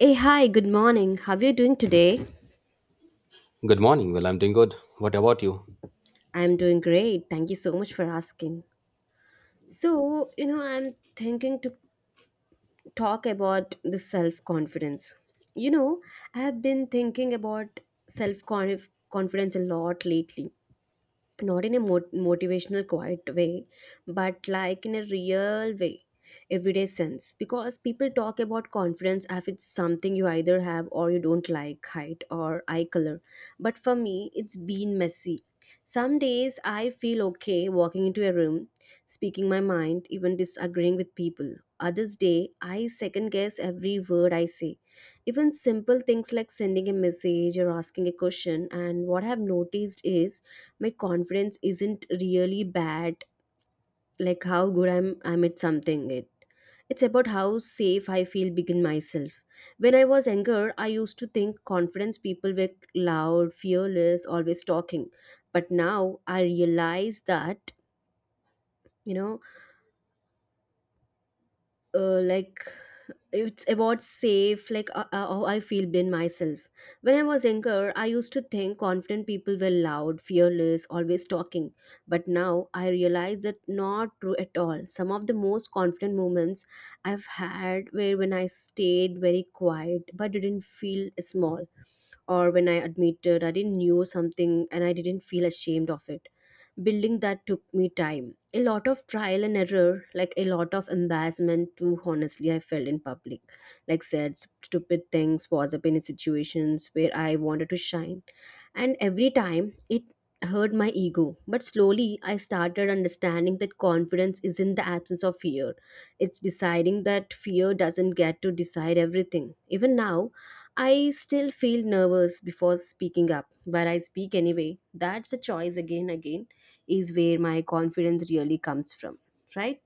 Hey, hi, good morning. How are you doing today? Good morning. Well, I'm doing good. What about you? I'm doing great. Thank you so much for asking. So, I'm thinking to talk about the self confidence. You know, I have been thinking about self confidence a lot lately, not in a motivational quiet way but like in a real way, everyday sense, because people talk about confidence as if it's something you either have or you don't, like height or eye color. But for me it's been messy. Some days I feel okay walking into a room, speaking my mind, even disagreeing with people. Others day I second guess every word I say, even simple things like sending a message or asking a question. And what I have noticed is my confidence isn't really bad, like how good I'm at something. It's about how safe I feel begin myself. When I was younger I used to think confidence people were loud, fearless, always talking, but now I realize that. you know uh, like it's about safe, like how I feel in myself. When I was younger I used to think confident people were loud, fearless, always talking, but now I realize that not true at all. Some of the most confident moments I've had were when I stayed very quiet but didn't feel small, or when I admitted I didn't know something and I didn't feel ashamed of it. Building that took me time, a lot of trial and error, like a lot of embarrassment too, honestly. I felt in public, like said stupid things, was up in situations where I wanted to shine. And every time it hurt my ego. But slowly I started understanding that confidence isn't the absence of fear. It's deciding that fear doesn't get to decide everything. Even now, I still feel nervous before speaking up, but I speak anyway. That's a choice. Again is where my confidence really comes from, right?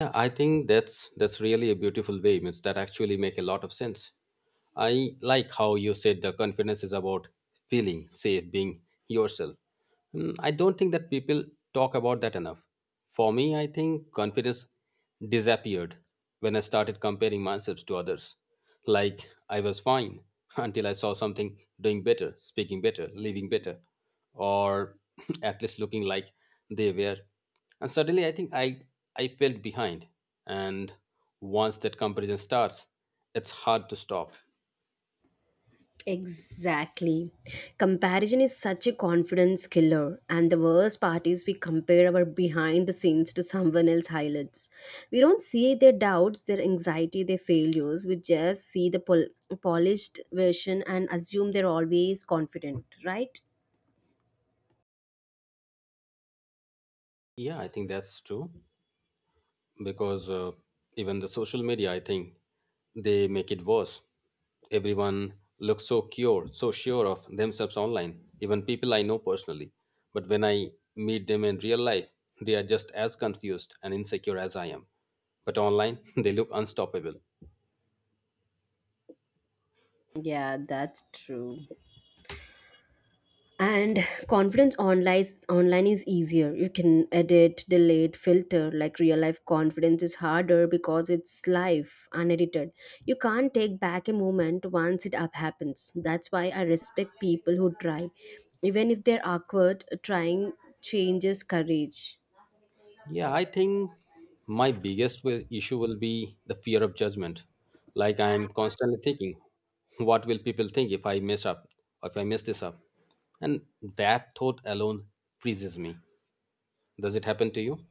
Yeah, I think that's really a beautiful way. Means that actually make a lot of sense. I like how you said the confidence is about feeling safe, being yourself. I don't think that people talk about that enough. For me, I think confidence disappeared when I started comparing myself to others. Like I was fine until I saw something doing better, speaking better, living better, or at least looking like they were. And suddenly, I think I felt behind. And once that comparison starts, it's hard to stop. Exactly. Comparison is such a confidence killer, and the worst part is we compare our behind the scenes to someone else's highlights. We don't see their doubts, their anxiety, their failures. We just see the polished version and assume they're always confident, right? Yeah, I think that's true, because even the social media, I think, they make it worse. Everyone looks so cured, so sure of themselves online. Even people I know personally, but when I meet them in real life, they are just as confused and insecure as I am. But online they look unstoppable. Yeah, that's true. And confidence online is easier. You can edit, delete, filter, like real life confidence is harder because it's live, unedited. You can't take back a moment once it up happens. That's why I respect people who try, even if they're awkward. Trying changes courage. Yeah, I think my biggest issue will be the fear of judgment. Like I'm constantly thinking, what will people think if I mess up, or if I mess this up? And that thought alone freezes me. Does it happen to you?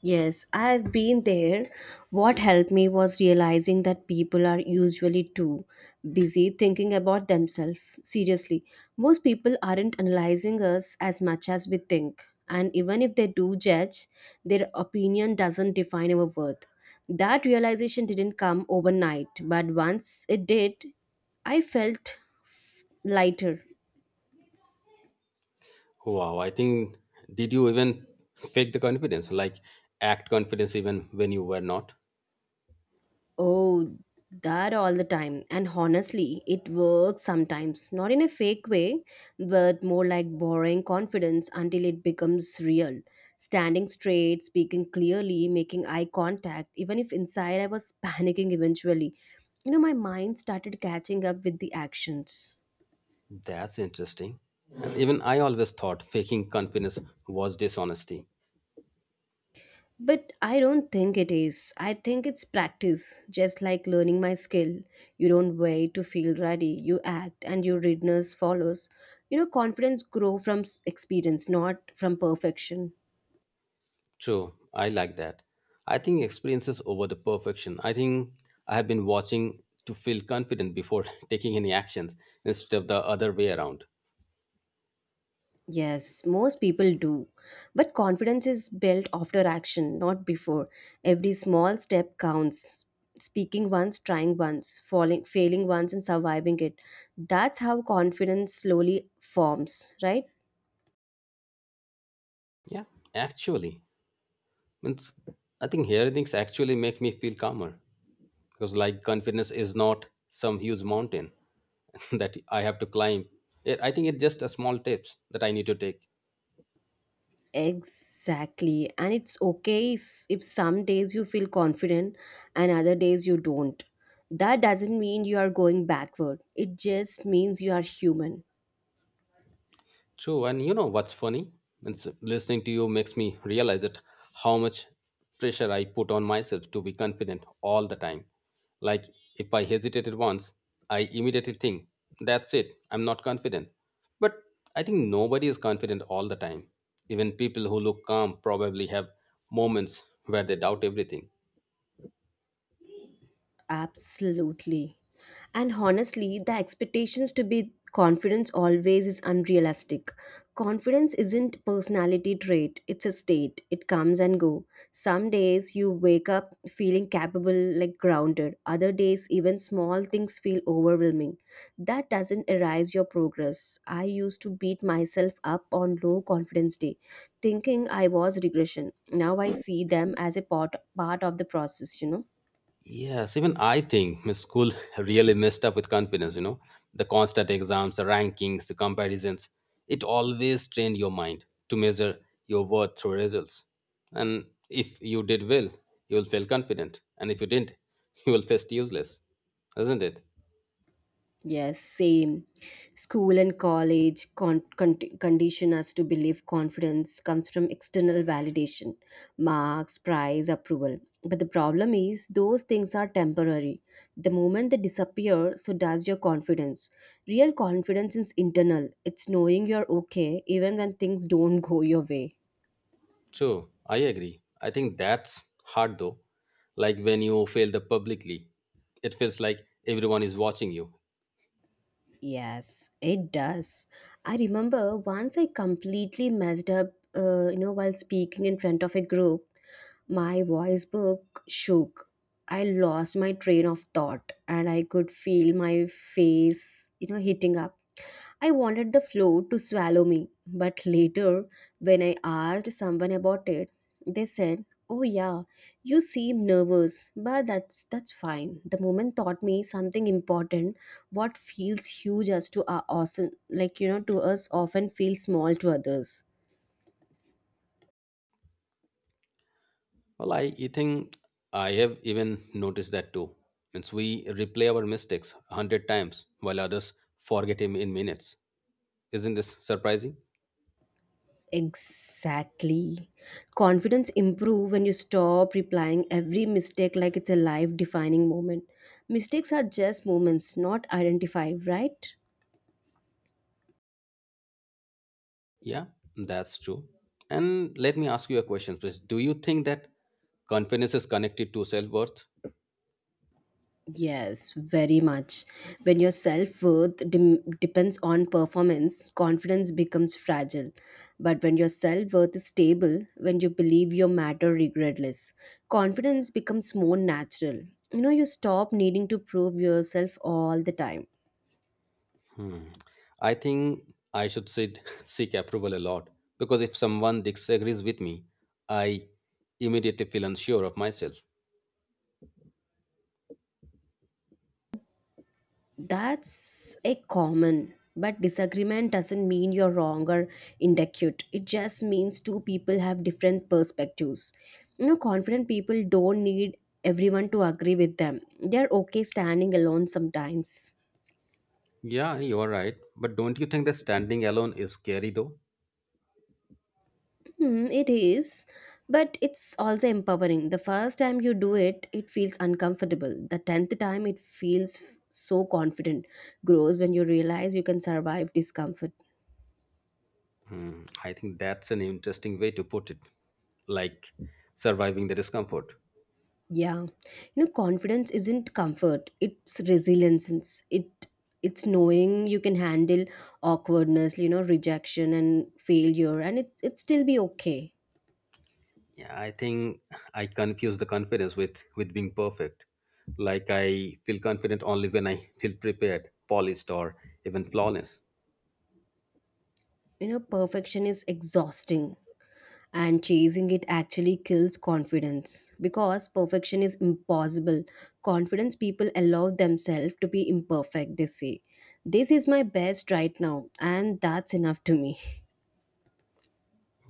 Yes, I've been there. What helped me was realizing that people are usually too busy thinking about themselves. Seriously, most people aren't analyzing us as much as we think. And even if they do judge, their opinion doesn't define our worth. That realization didn't come overnight, but once it did, I felt lighter. Wow, I think, did you even fake the confidence? Like act confidence even when you were not? Oh, that all the time. And honestly, it works sometimes. Not in a fake way, but more like borrowing confidence until it becomes real. Standing straight, speaking clearly, making eye contact, even if inside I was panicking eventually. You know, my mind started catching up with the actions. That's interesting. And even I always thought faking confidence was dishonesty. But I don't think it is. I think it's practice, just like learning my skill. You don't wait to feel ready. You act and your readiness follows. You know, confidence grow from experience, not from perfection. True, I like that. I think experiences over the perfection. I think I have been watching to feel confident before taking any actions instead of the other way around. Yes, most people do. But confidence is built after action, not before. Every small step counts. Speaking once, trying once, falling, failing once and surviving it. That's how confidence slowly forms, right? Yeah, actually, means I think hearing things actually make me feel calmer, because like confidence is not some huge mountain that I have to climb. I think it's just a small tips that I need to take. Exactly. And it's okay, if some days you feel confident and other days you don't. That doesn't mean you are going backward, it just means you are human. True, and you know what's funny? It's listening to you makes me realize it, how much pressure I put on myself to be confident all the time. Like if I hesitated once, I immediately think, that's it, I'm not confident. But I think nobody is confident all the time. Even people who look calm probably have moments where they doubt everything. Absolutely. And honestly, the expectations to be confidence always is unrealistic. Confidence isn't personality trait, it's a state. It comes and go. Some days you wake up feeling capable, like grounded. Other days even small things feel overwhelming. That doesn't erase your progress. I used to beat myself up on low confidence day, thinking I was regression. Now I see them as a part of the process, you know. Yes, even I think my school really messed up with confidence. The constant exams, the rankings, the comparisons. It always trained your mind to measure your worth through results. And if you did well, you will feel confident. And if you didn't, you will feel useless. Isn't it? Yes, same. School and college condition us to believe confidence comes from external validation, marks, prize, approval. But the problem is, those things are temporary. The moment they disappear, so does your confidence. Real confidence is internal, it's knowing you're okay even when things don't go your way. True, I agree. I think that's hard though. Like when you fail the publicly, it feels like everyone is watching you. Yes, it does. I remember once I completely messed up, you know, while speaking in front of a group, my voice book shook. I lost my train of thought and I could feel my face, you know, heating up. I wanted the floor to swallow me, but later, when I asked someone about it, they said, "Oh yeah, you seem nervous, but that's fine." The moment taught me something important. What feels huge as to our awesome, like you know, to us often feels small to others. Well, I think I have even noticed that too. Means we replay our mistakes 100 times while others forget him in minutes. Isn't this surprising? Exactly. Confidence improve when you stop replying every mistake like it's a life defining moment. Mistakes are just moments, not identified, right? Yeah, that's true. And let me ask you a question, please. Do you think that confidence is connected to self worth? Yes, very much. When your self worth dem depends on performance, confidence becomes fragile. But when your self worth is stable, when you believe you matter regardless, confidence becomes more natural. You know, you stop needing to prove yourself all the time. Hmm. I think I should seek approval a lot, because if someone disagrees with me, I immediately feel unsure of myself. That's a common, but disagreement doesn't mean you're wrong or inadequate. It just means two people have different perspectives. You know, confident people don't need everyone to agree with them. They're okay standing alone sometimes. Yeah, you are right. But don't you think that standing alone is scary though? Hmm, it is, but it's also empowering. The first time you do it, it feels uncomfortable. The tenth time, it feels so confident. Grows when you realize you can survive discomfort. Hmm, I think that's an interesting way to put it. Like surviving the discomfort. Yeah. You know, confidence isn't comfort, it's resilience. It's knowing you can handle awkwardness, you know, rejection and failure, and it's it still be okay. Yeah, I think I confuse the confidence with being perfect. Like I feel confident only when I feel prepared, polished, or even flawless. You know, perfection is exhausting and chasing it actually kills confidence because perfection is impossible. Confidence people allow themselves to be imperfect, they say. This is my best right now and that's enough to me.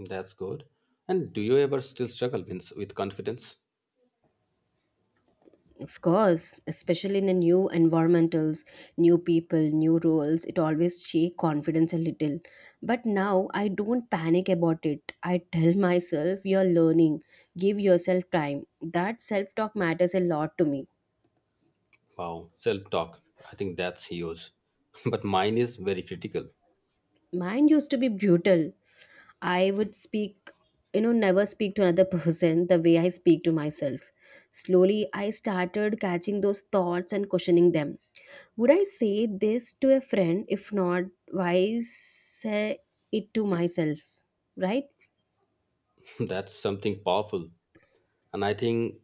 That's good. And do you ever still struggle with confidence? Of course, especially in a new environmentals, new people, new roles, it always shake confidence a little. But now I don't panic about it. I tell myself you're learning. Give yourself time. That self-talk matters a lot to me. Wow, self-talk. I think that's huge. But mine is very critical. Mine used to be brutal. I would speak, you know, never speak to another person the way I speak to myself. Slowly, I started catching those thoughts and questioning them. Would I say this to a friend? If not, why say it to myself? Right? That's something powerful. And I think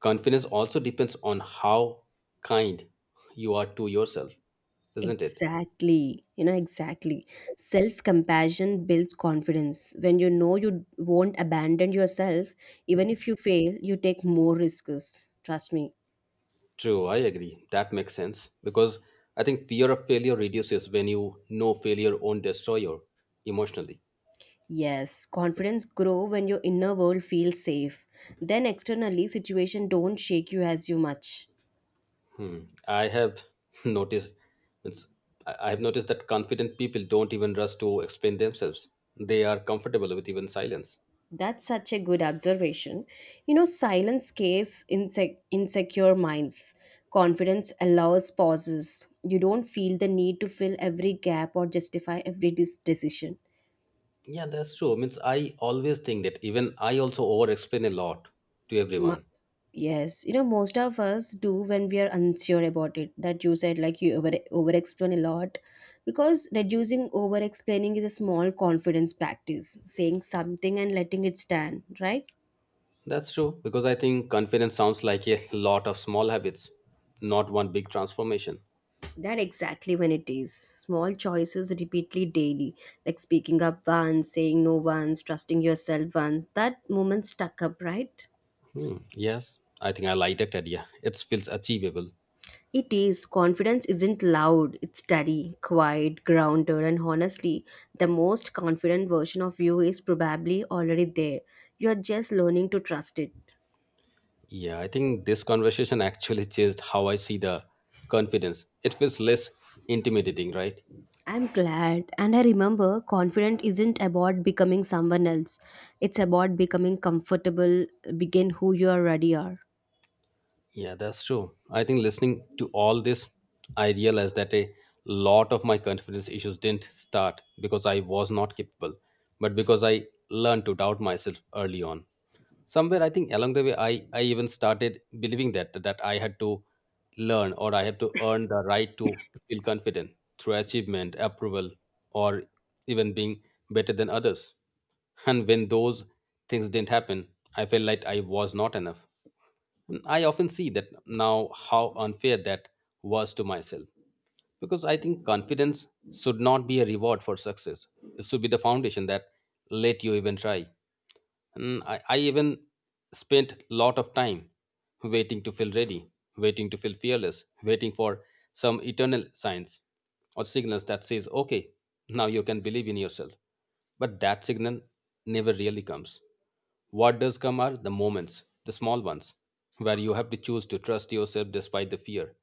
confidence also depends on how kind you are to yourself, isn't it? Exactly. You know, exactly. Self compassion builds confidence. When you know you won't abandon yourself, even if you fail, you take more risks. Trust me. True, I agree, that makes sense. Because I think fear of failure reduces when you know failure won't destroy you emotionally. Yes, confidence grow when your inner world feels safe. Then externally, situation don't shake you as you much. Hmm. I have noticed it's, I have noticed that confident people don't even rush to explain themselves, they are comfortable with even silence. That's such a good observation. You know, silence scares insecure minds. Confidence allows pauses. You don't feel the need to fill every gap or justify every decision. Yeah, that's true. Means I always think that even I also over explain a lot to Ma- everyone. yes, you know, most of us do when we are unsure about it. That you said, like, you over explain a lot. Because reducing over explaining is a small confidence practice, saying something and letting it stand, right? That's true, because I think confidence sounds like a lot of small habits, not one big transformation. That exactly when it is. Small choices repeatedly daily, like speaking up once, saying no once, trusting yourself once. That moment stuck up, right? Hmm, yes, I think I like that idea. It feels achievable. It is. Confidence isn't loud, it's steady, quiet, grounded, and honestly, the most confident version of you is probably already there. You're just learning to trust it. Yeah, I think this conversation actually changed how I see the confidence. It feels less intimidating, right? I'm glad, and I remember confident isn't about becoming someone else, it's about becoming comfortable, begin who you already are. Yeah, that's true. I think listening to all this, I realized that a lot of my confidence issues didn't start because I was not capable, but because I learned to doubt myself early on. Somewhere, I think along the way, I even started believing that I had to learn or I had to earn the right to feel confident through achievement, approval, or even being better than others. And when those things didn't happen, I felt like I was not enough. I often see that now how unfair that was to myself, because I think confidence should not be a reward for success. It should be the foundation that let you even try. And I even spent lot of time waiting to feel ready, waiting to feel fearless, waiting for some eternal signs or signals that says, okay, now you can believe in yourself. But that signal never really comes. What does come are the moments, the small ones, where you have to choose to trust yourself despite the fear.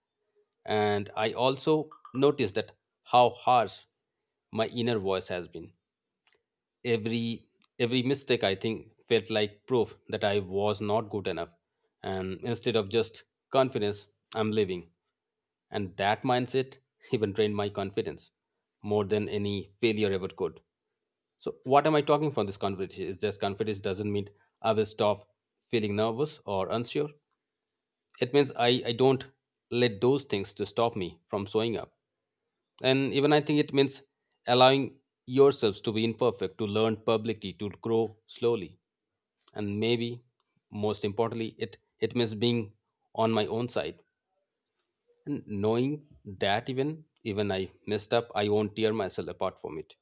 And I also noticed that how harsh my inner voice has been. Every every mistake, I think, felt like proof that I was not good enough. And instead of just confidence, I'm living. And that mindset even drained my confidence more than any failure ever could. So what am I talking from this confidence is that confidence doesn't mean I will stop feeling nervous or unsure. It means I don't let those things to stop me from showing up. And even I think it means allowing yourselves to be imperfect, to learn publicly, to grow slowly. And maybe most importantly, it means being on my own side, and knowing that even I messed up, I won't tear myself apart from it.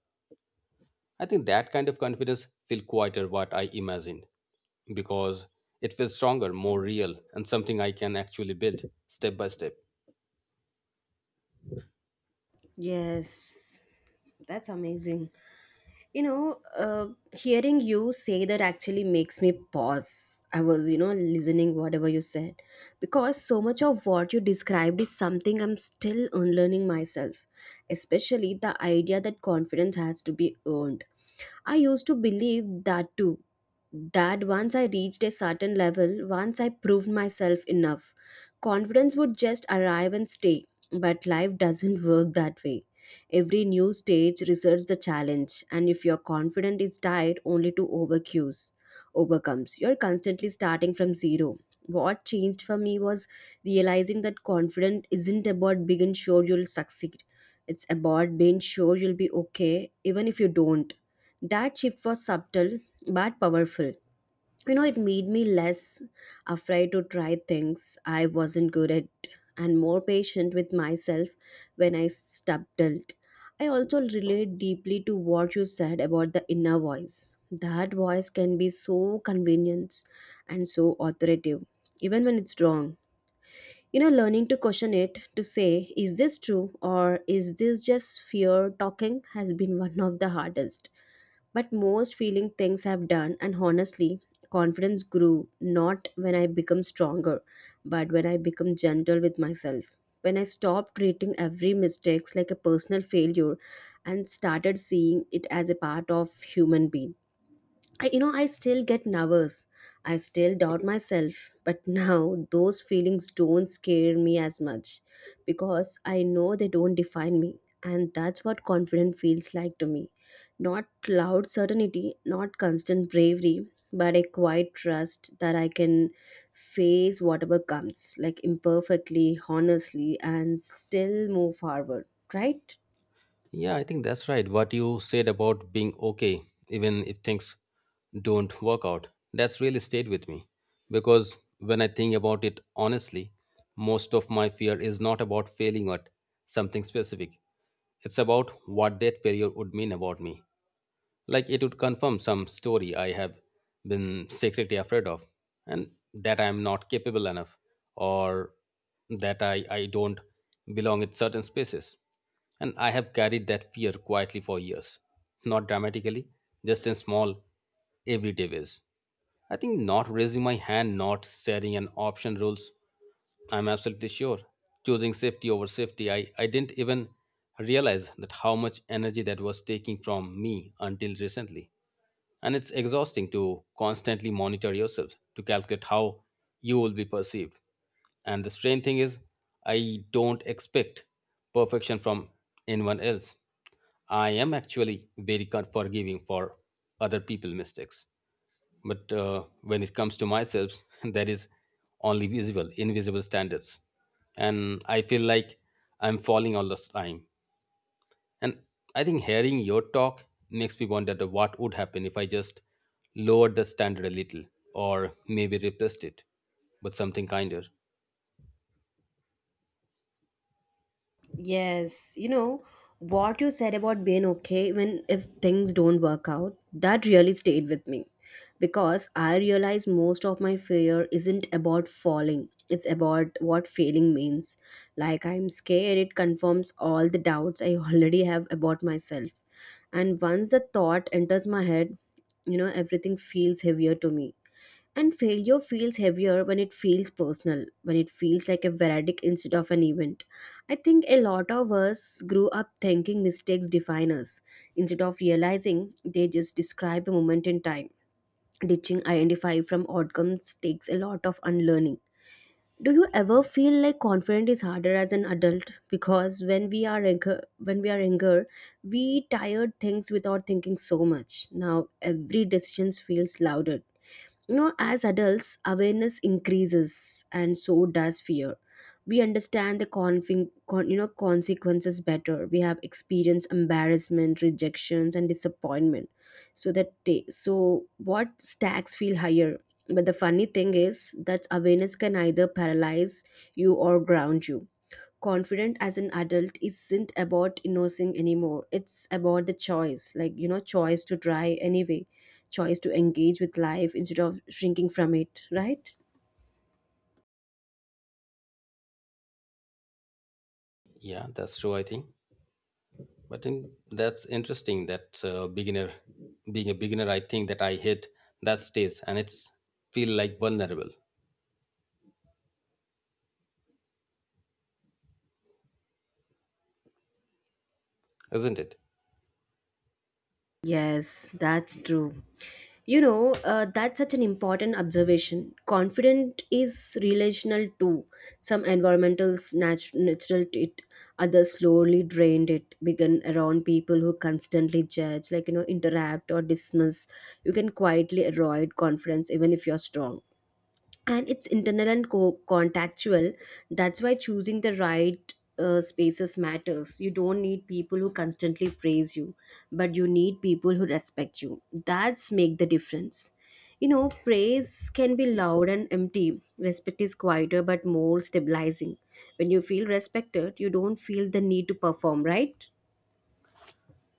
I think that kind of confidence feel quieter what I imagined, because it feels stronger, more real, and something I can actually build step by step. Yes, that's amazing. You know, hearing you say that actually makes me pause. I was, you know, listening whatever you said because so much of what you described is something I'm still unlearning myself, especially the idea that confidence has to be earned. I used to believe that too. That once I reached a certain level, once I proved myself enough, confidence would just arrive and stay. But life doesn't work that way. Every new stage reserves the challenge, and if your confidence is tied only to overcomes, you're constantly starting from zero. What changed for me was realizing that confidence isn't about being sure you'll succeed. It's about being sure you'll be okay, even if you don't. That shift was subtle but powerful. You know, it made me less afraid to try things I wasn't good at and more patient with myself when I stumbled. I also relate deeply to what you said about the inner voice. That voice can be so convenient and so authoritative, even when it's wrong. You know, learning to question it, to say is this true or is this just fear talking, has been one of the hardest but most feeling things I've done. And honestly, confidence grew not when I become stronger, but when I become gentle with myself, when I stopped treating every mistakes like a personal failure and started seeing it as a part of human being. I still get nervous. I still doubt myself. But now those feelings don't scare me as much, because I know they don't define me. And that's what confidence feels like to me. Not loud certainty, not constant bravery, but a quiet trust that I can face whatever comes, like imperfectly, honestly, and still move forward, right? Yeah, I think that's right. What you said about being okay, even if things don't work out, that's really stayed with me. Because when I think about it honestly, most of my fear is not about failing at something specific, it's about what that failure would mean about me. Like it would confirm some story I have been secretly afraid of, and that I am not capable enough, or that I don't belong in certain spaces. And I have carried that fear quietly for years, not dramatically, just in small, everyday ways. I think not raising my hand, not setting an option rules. I'm absolutely sure. Choosing safety over safety, I didn't even realize that how much energy that was taking from me until recently. And it's exhausting to constantly monitor yourself, to calculate how you will be perceived. And the strange thing is, I don't expect perfection from anyone else. I am actually very forgiving for other people's mistakes. But when it comes to myself, there is only visible, invisible standards. And I feel like I'm falling all the time. And I think hearing your talk makes me wonder the what would happen if I just lowered the standard a little, or maybe replaced it with something kinder. Yes, you know, what you said about being okay even if things don't work out, that really stayed with me, because I realize most of my fear isn't about falling, it's about what failing means. Like, I'm scared it confirms all the doubts I already have about myself, and once the thought enters my head, everything feels heavier to me, and failure feels heavier when it feels personal, when it feels like a verdict instead of an event. I think a lot of us grew up thinking mistakes define us, instead of realizing they just describe a moment in time. Ditching identify from outcomes takes a lot of unlearning. Do you ever feel like confidence is harder as an adult? Because when we are younger, we tired things without thinking so much. Now every decision feels louder. You know, as adults, awareness increases and so does fear. We understand the consequences better. We have experienced embarrassment, rejections, and disappointment. So what stacks feel higher. But the funny thing is that awareness can either paralyze you or ground you. Confident as an adult isn't about innocing anymore, it's about the choice, like, you know, choice to try anyway, choice to engage with life instead of shrinking from it, right? Yeah, that's true. I think, but then that's interesting that being a beginner, I think that I hit that stage and it's feel like vulnerable, isn't it? Yes, that's true. You know, that's such an important observation. Confident is relational too. Some environmentals natural to it, others slowly drained it, began around people who constantly judge, like, you know, interrupt or dismiss. You can quietly avoid confidence even if you're strong, and it's internal and contactual. That's why choosing the right spaces matters. You don't need people who constantly praise you, but you need people who respect you. That's make the difference. You know, praise can be loud and empty, respect is quieter but more stabilizing. When you feel respected, you don't feel the need to perform, right?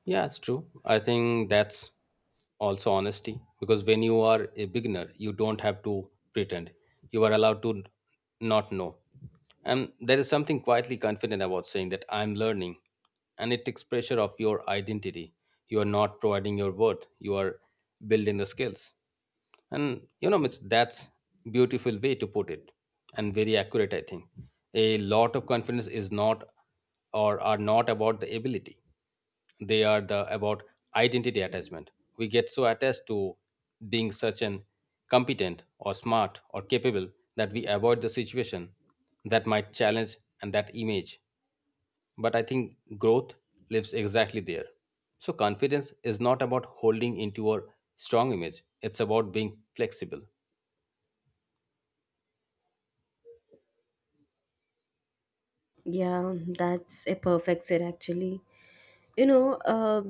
Yeah, it's true. I think that's also honesty, because when you are a beginner, you don't have to pretend. You are allowed to not know. And there is something quietly confident about saying that I'm learning, and it takes pressure off your identity. You are not providing your worth, you are building the skills. And that's beautiful way to put it, and very accurate. I think a lot of confidence is not, or are not, about the ability. They are the about identity attachment. We get so attached to being such an competent or smart or capable that we avoid the situation that might challenge and that image. But I think growth lives exactly there. So, confidence is not about holding into a strong image, it's about being flexible. Yeah, that's a perfect set actually. you know uh,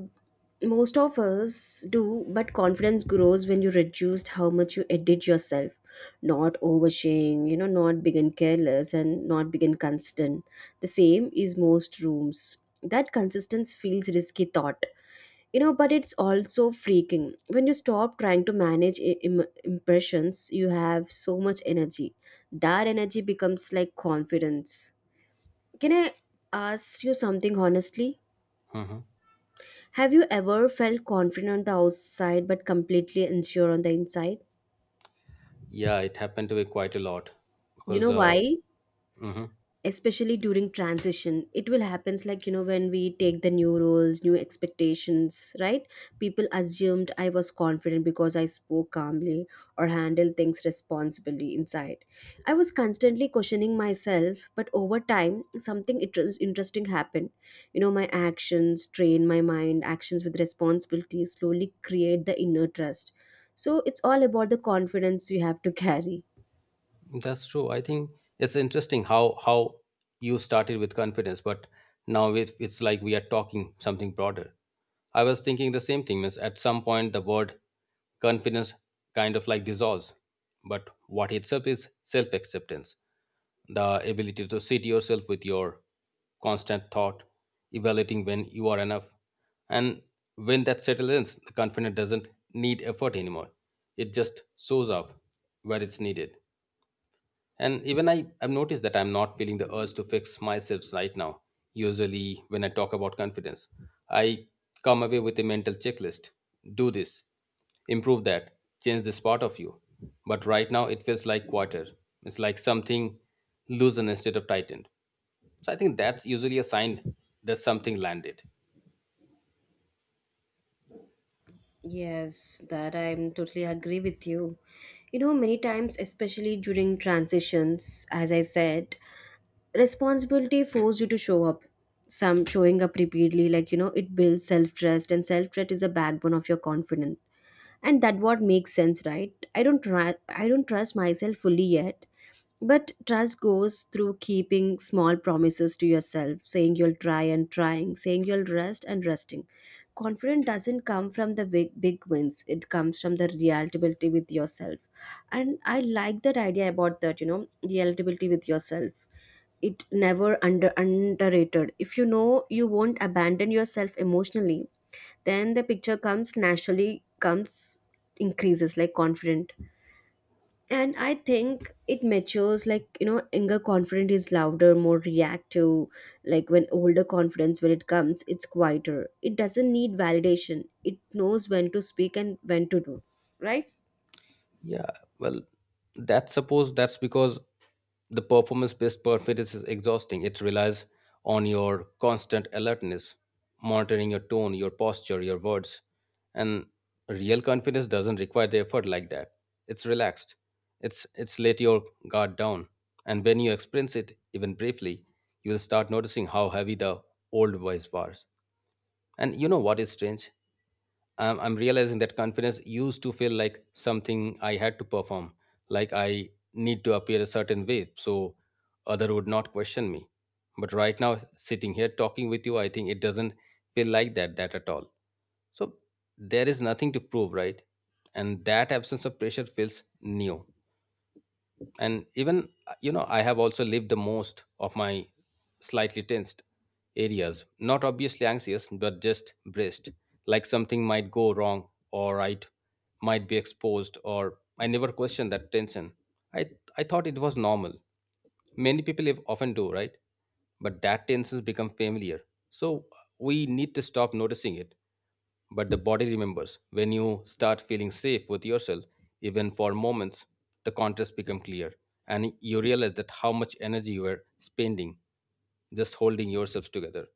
Most of us do, but confidence grows when you reduce how much you edit yourself. Not oversharing, you know, not being careless and not being constant. The same is most rooms. That consistency feels risky thought. You know, but it's also freaking. When you stop trying to manage impressions, you have so much energy. That energy becomes like confidence. Can I ask you something honestly? Mhm. Have you ever felt confident on the outside but completely unsure on the inside? Yeah, it happened to me quite a lot, You know because why? mhm. Especially during transition it will happens, like, you know, when we take the new roles, new expectations, right? People assumed I was confident because I spoke calmly or handled things responsibly. Inside, I was constantly questioning myself. But over time something interesting happened. You know, my actions train my mind. Actions with responsibility slowly create the inner trust. So it's all about the confidence you have to carry. That's true. I think it's interesting how you started with confidence, but now it's like we are talking something broader. I was thinking the same thing. Means at some point the word confidence kind of like dissolves, but what itself is self acceptance, the ability to sit yourself with your constant thought, evaluating when you are enough, and when that settles in, the confidence doesn't need effort anymore. It just shows up where it's needed. And even I've noticed that I'm not feeling the urge to fix myself right now. Usually, when I talk about confidence, I come away with a mental checklist, do this, improve that, change this part of you. But right now, it feels like quarter. It's like something loosened instead of tightened. So I think that's usually a sign that something landed. Yes, that I'm totally agree with you. You know, many times, especially during transitions, as I said, responsibility forces you to show up. Some showing up repeatedly, like, you know, it builds self trust, and self trust is a backbone of your confidence. And that what makes sense, right? I don't try, I don't trust myself fully yet, but trust goes through keeping small promises to yourself, saying you'll try and trying, saying you'll rest and resting. Confidence doesn't come from the big wins, it comes from the reality with yourself. And I like that idea about that, you know, reality with yourself. It never under underrated. If you know you won't abandon yourself emotionally, then the picture comes naturally, comes increases like confident. And I think it matures, like, you know, younger confidence is louder, more reactive, like, when older confidence, when it comes, it's quieter, it doesn't need validation, it knows when to speak and when to do, right? Yeah, well, that suppose that's because the performance-based performance is exhausting. It relies on your constant alertness, monitoring your tone, your posture, your words, and real confidence doesn't require the effort like that. It's relaxed. It's let your guard down, and when you experience it even briefly, you will start noticing how heavy the old voice was. And you know what is strange? I'm realizing that confidence used to feel like something I had to perform, like I need to appear a certain way so other would not question me. But right now, sitting here talking with you, I think it doesn't feel like that at all. So there is nothing to prove, right? And that absence of pressure feels new. And even I have also lived the most of my slightly tensed areas, not obviously anxious but just braced, like something might go wrong, or I might be exposed, or I never questioned that tension. I i thought it was normal, many people often do, right? But that tension becomes familiar, so we need to stop noticing it. But the body remembers. When you start feeling safe with yourself, even for moments, the contrast becomes clear, and you realize that how much energy you are spending just holding yourselves together.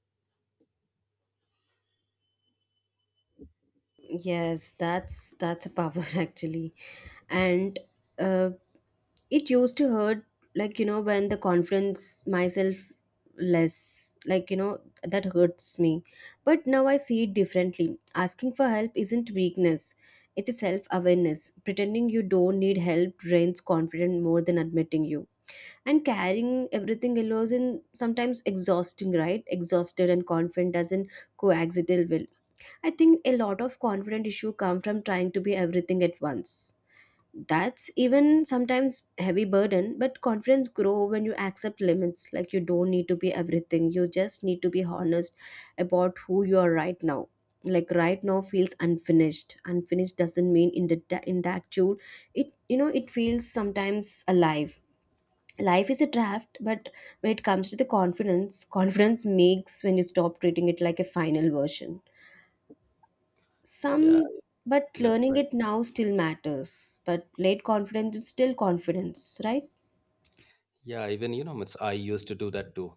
Yes, that's a power actually. And uh, it used to hurt, like, you know, when the confidence myself less, like, you know, that hurts me. But now I see it differently. Asking for help isn't weakness, it's a self-awareness. Pretending you don't need help drains confidence more than admitting you. And carrying everything alone is sometimes exhausting, right? Exhausted and confident doesn't coexist well. I think a lot of confident issue come from trying to be everything at once. That's even sometimes heavy burden. But confidence grow when you accept limits, like you don't need to be everything, you just need to be honest about who you are right now. Like right now feels unfinished. Unfinished doesn't mean in the in that tune. It, you know, it feels sometimes alive. Life is a draft. But when it comes to the confidence makes when you stop treating it like a final version. Yeah, Some, but that's learning right. it now still matters. But late confidence is still confidence, right? Yeah, even I used to do that too,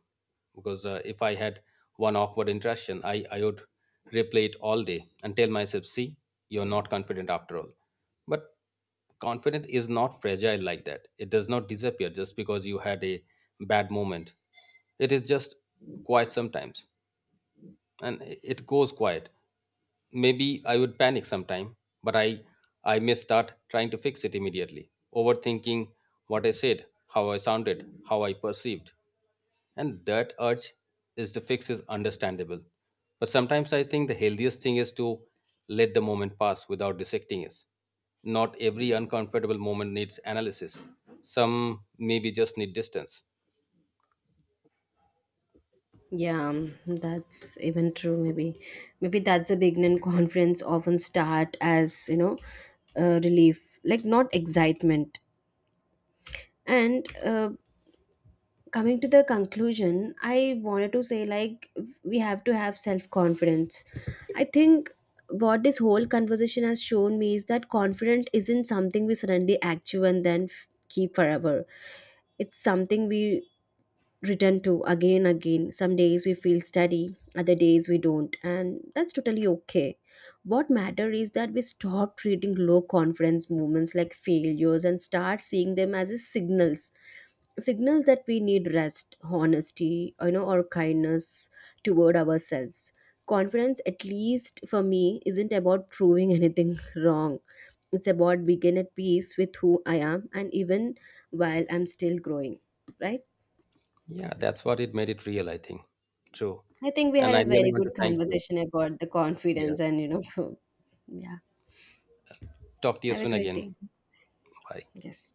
because if I had one awkward interaction, I would replay it all day and tell myself, "See, you're not confident after all." But confidence is not fragile like that, it does not disappear just because you had a bad moment. It is just quiet sometimes, and it goes quiet. Maybe I would panic sometime, but I may start trying to fix it immediately, overthinking what I said, how I sounded, how I perceived. And that urge is to fix is understandable. But sometimes I think the healthiest thing is to let the moment pass without dissecting it. Not every uncomfortable moment needs analysis. Some maybe just need distance. Yeah, that's even true. Maybe, maybe that's a beginning. Confidence often start as, you know, relief, like not excitement. And coming to the conclusion, I wanted to say like we have to have self confidence. I think what this whole conversation has shown me is that confidence isn't something we suddenly active and then keep forever. It's something we return to again and again. Some days we feel steady, other days we don't, and that's totally okay. What matter is that we stop treating low confidence movements like failures and start seeing them as a signals, signals that we need rest, honesty, you know, or kindness toward ourselves. Confidence, at least for me, isn't about proving anything wrong. It's about being at peace with who I am, and even while I'm still growing, right? Yeah, that's what it made it real, I think. True. I think we And had a I really very want to good thank you. conversation about the confidence, Yes. and you know. Yeah. Talk to you Have a soon great again. day. Bye. Yes.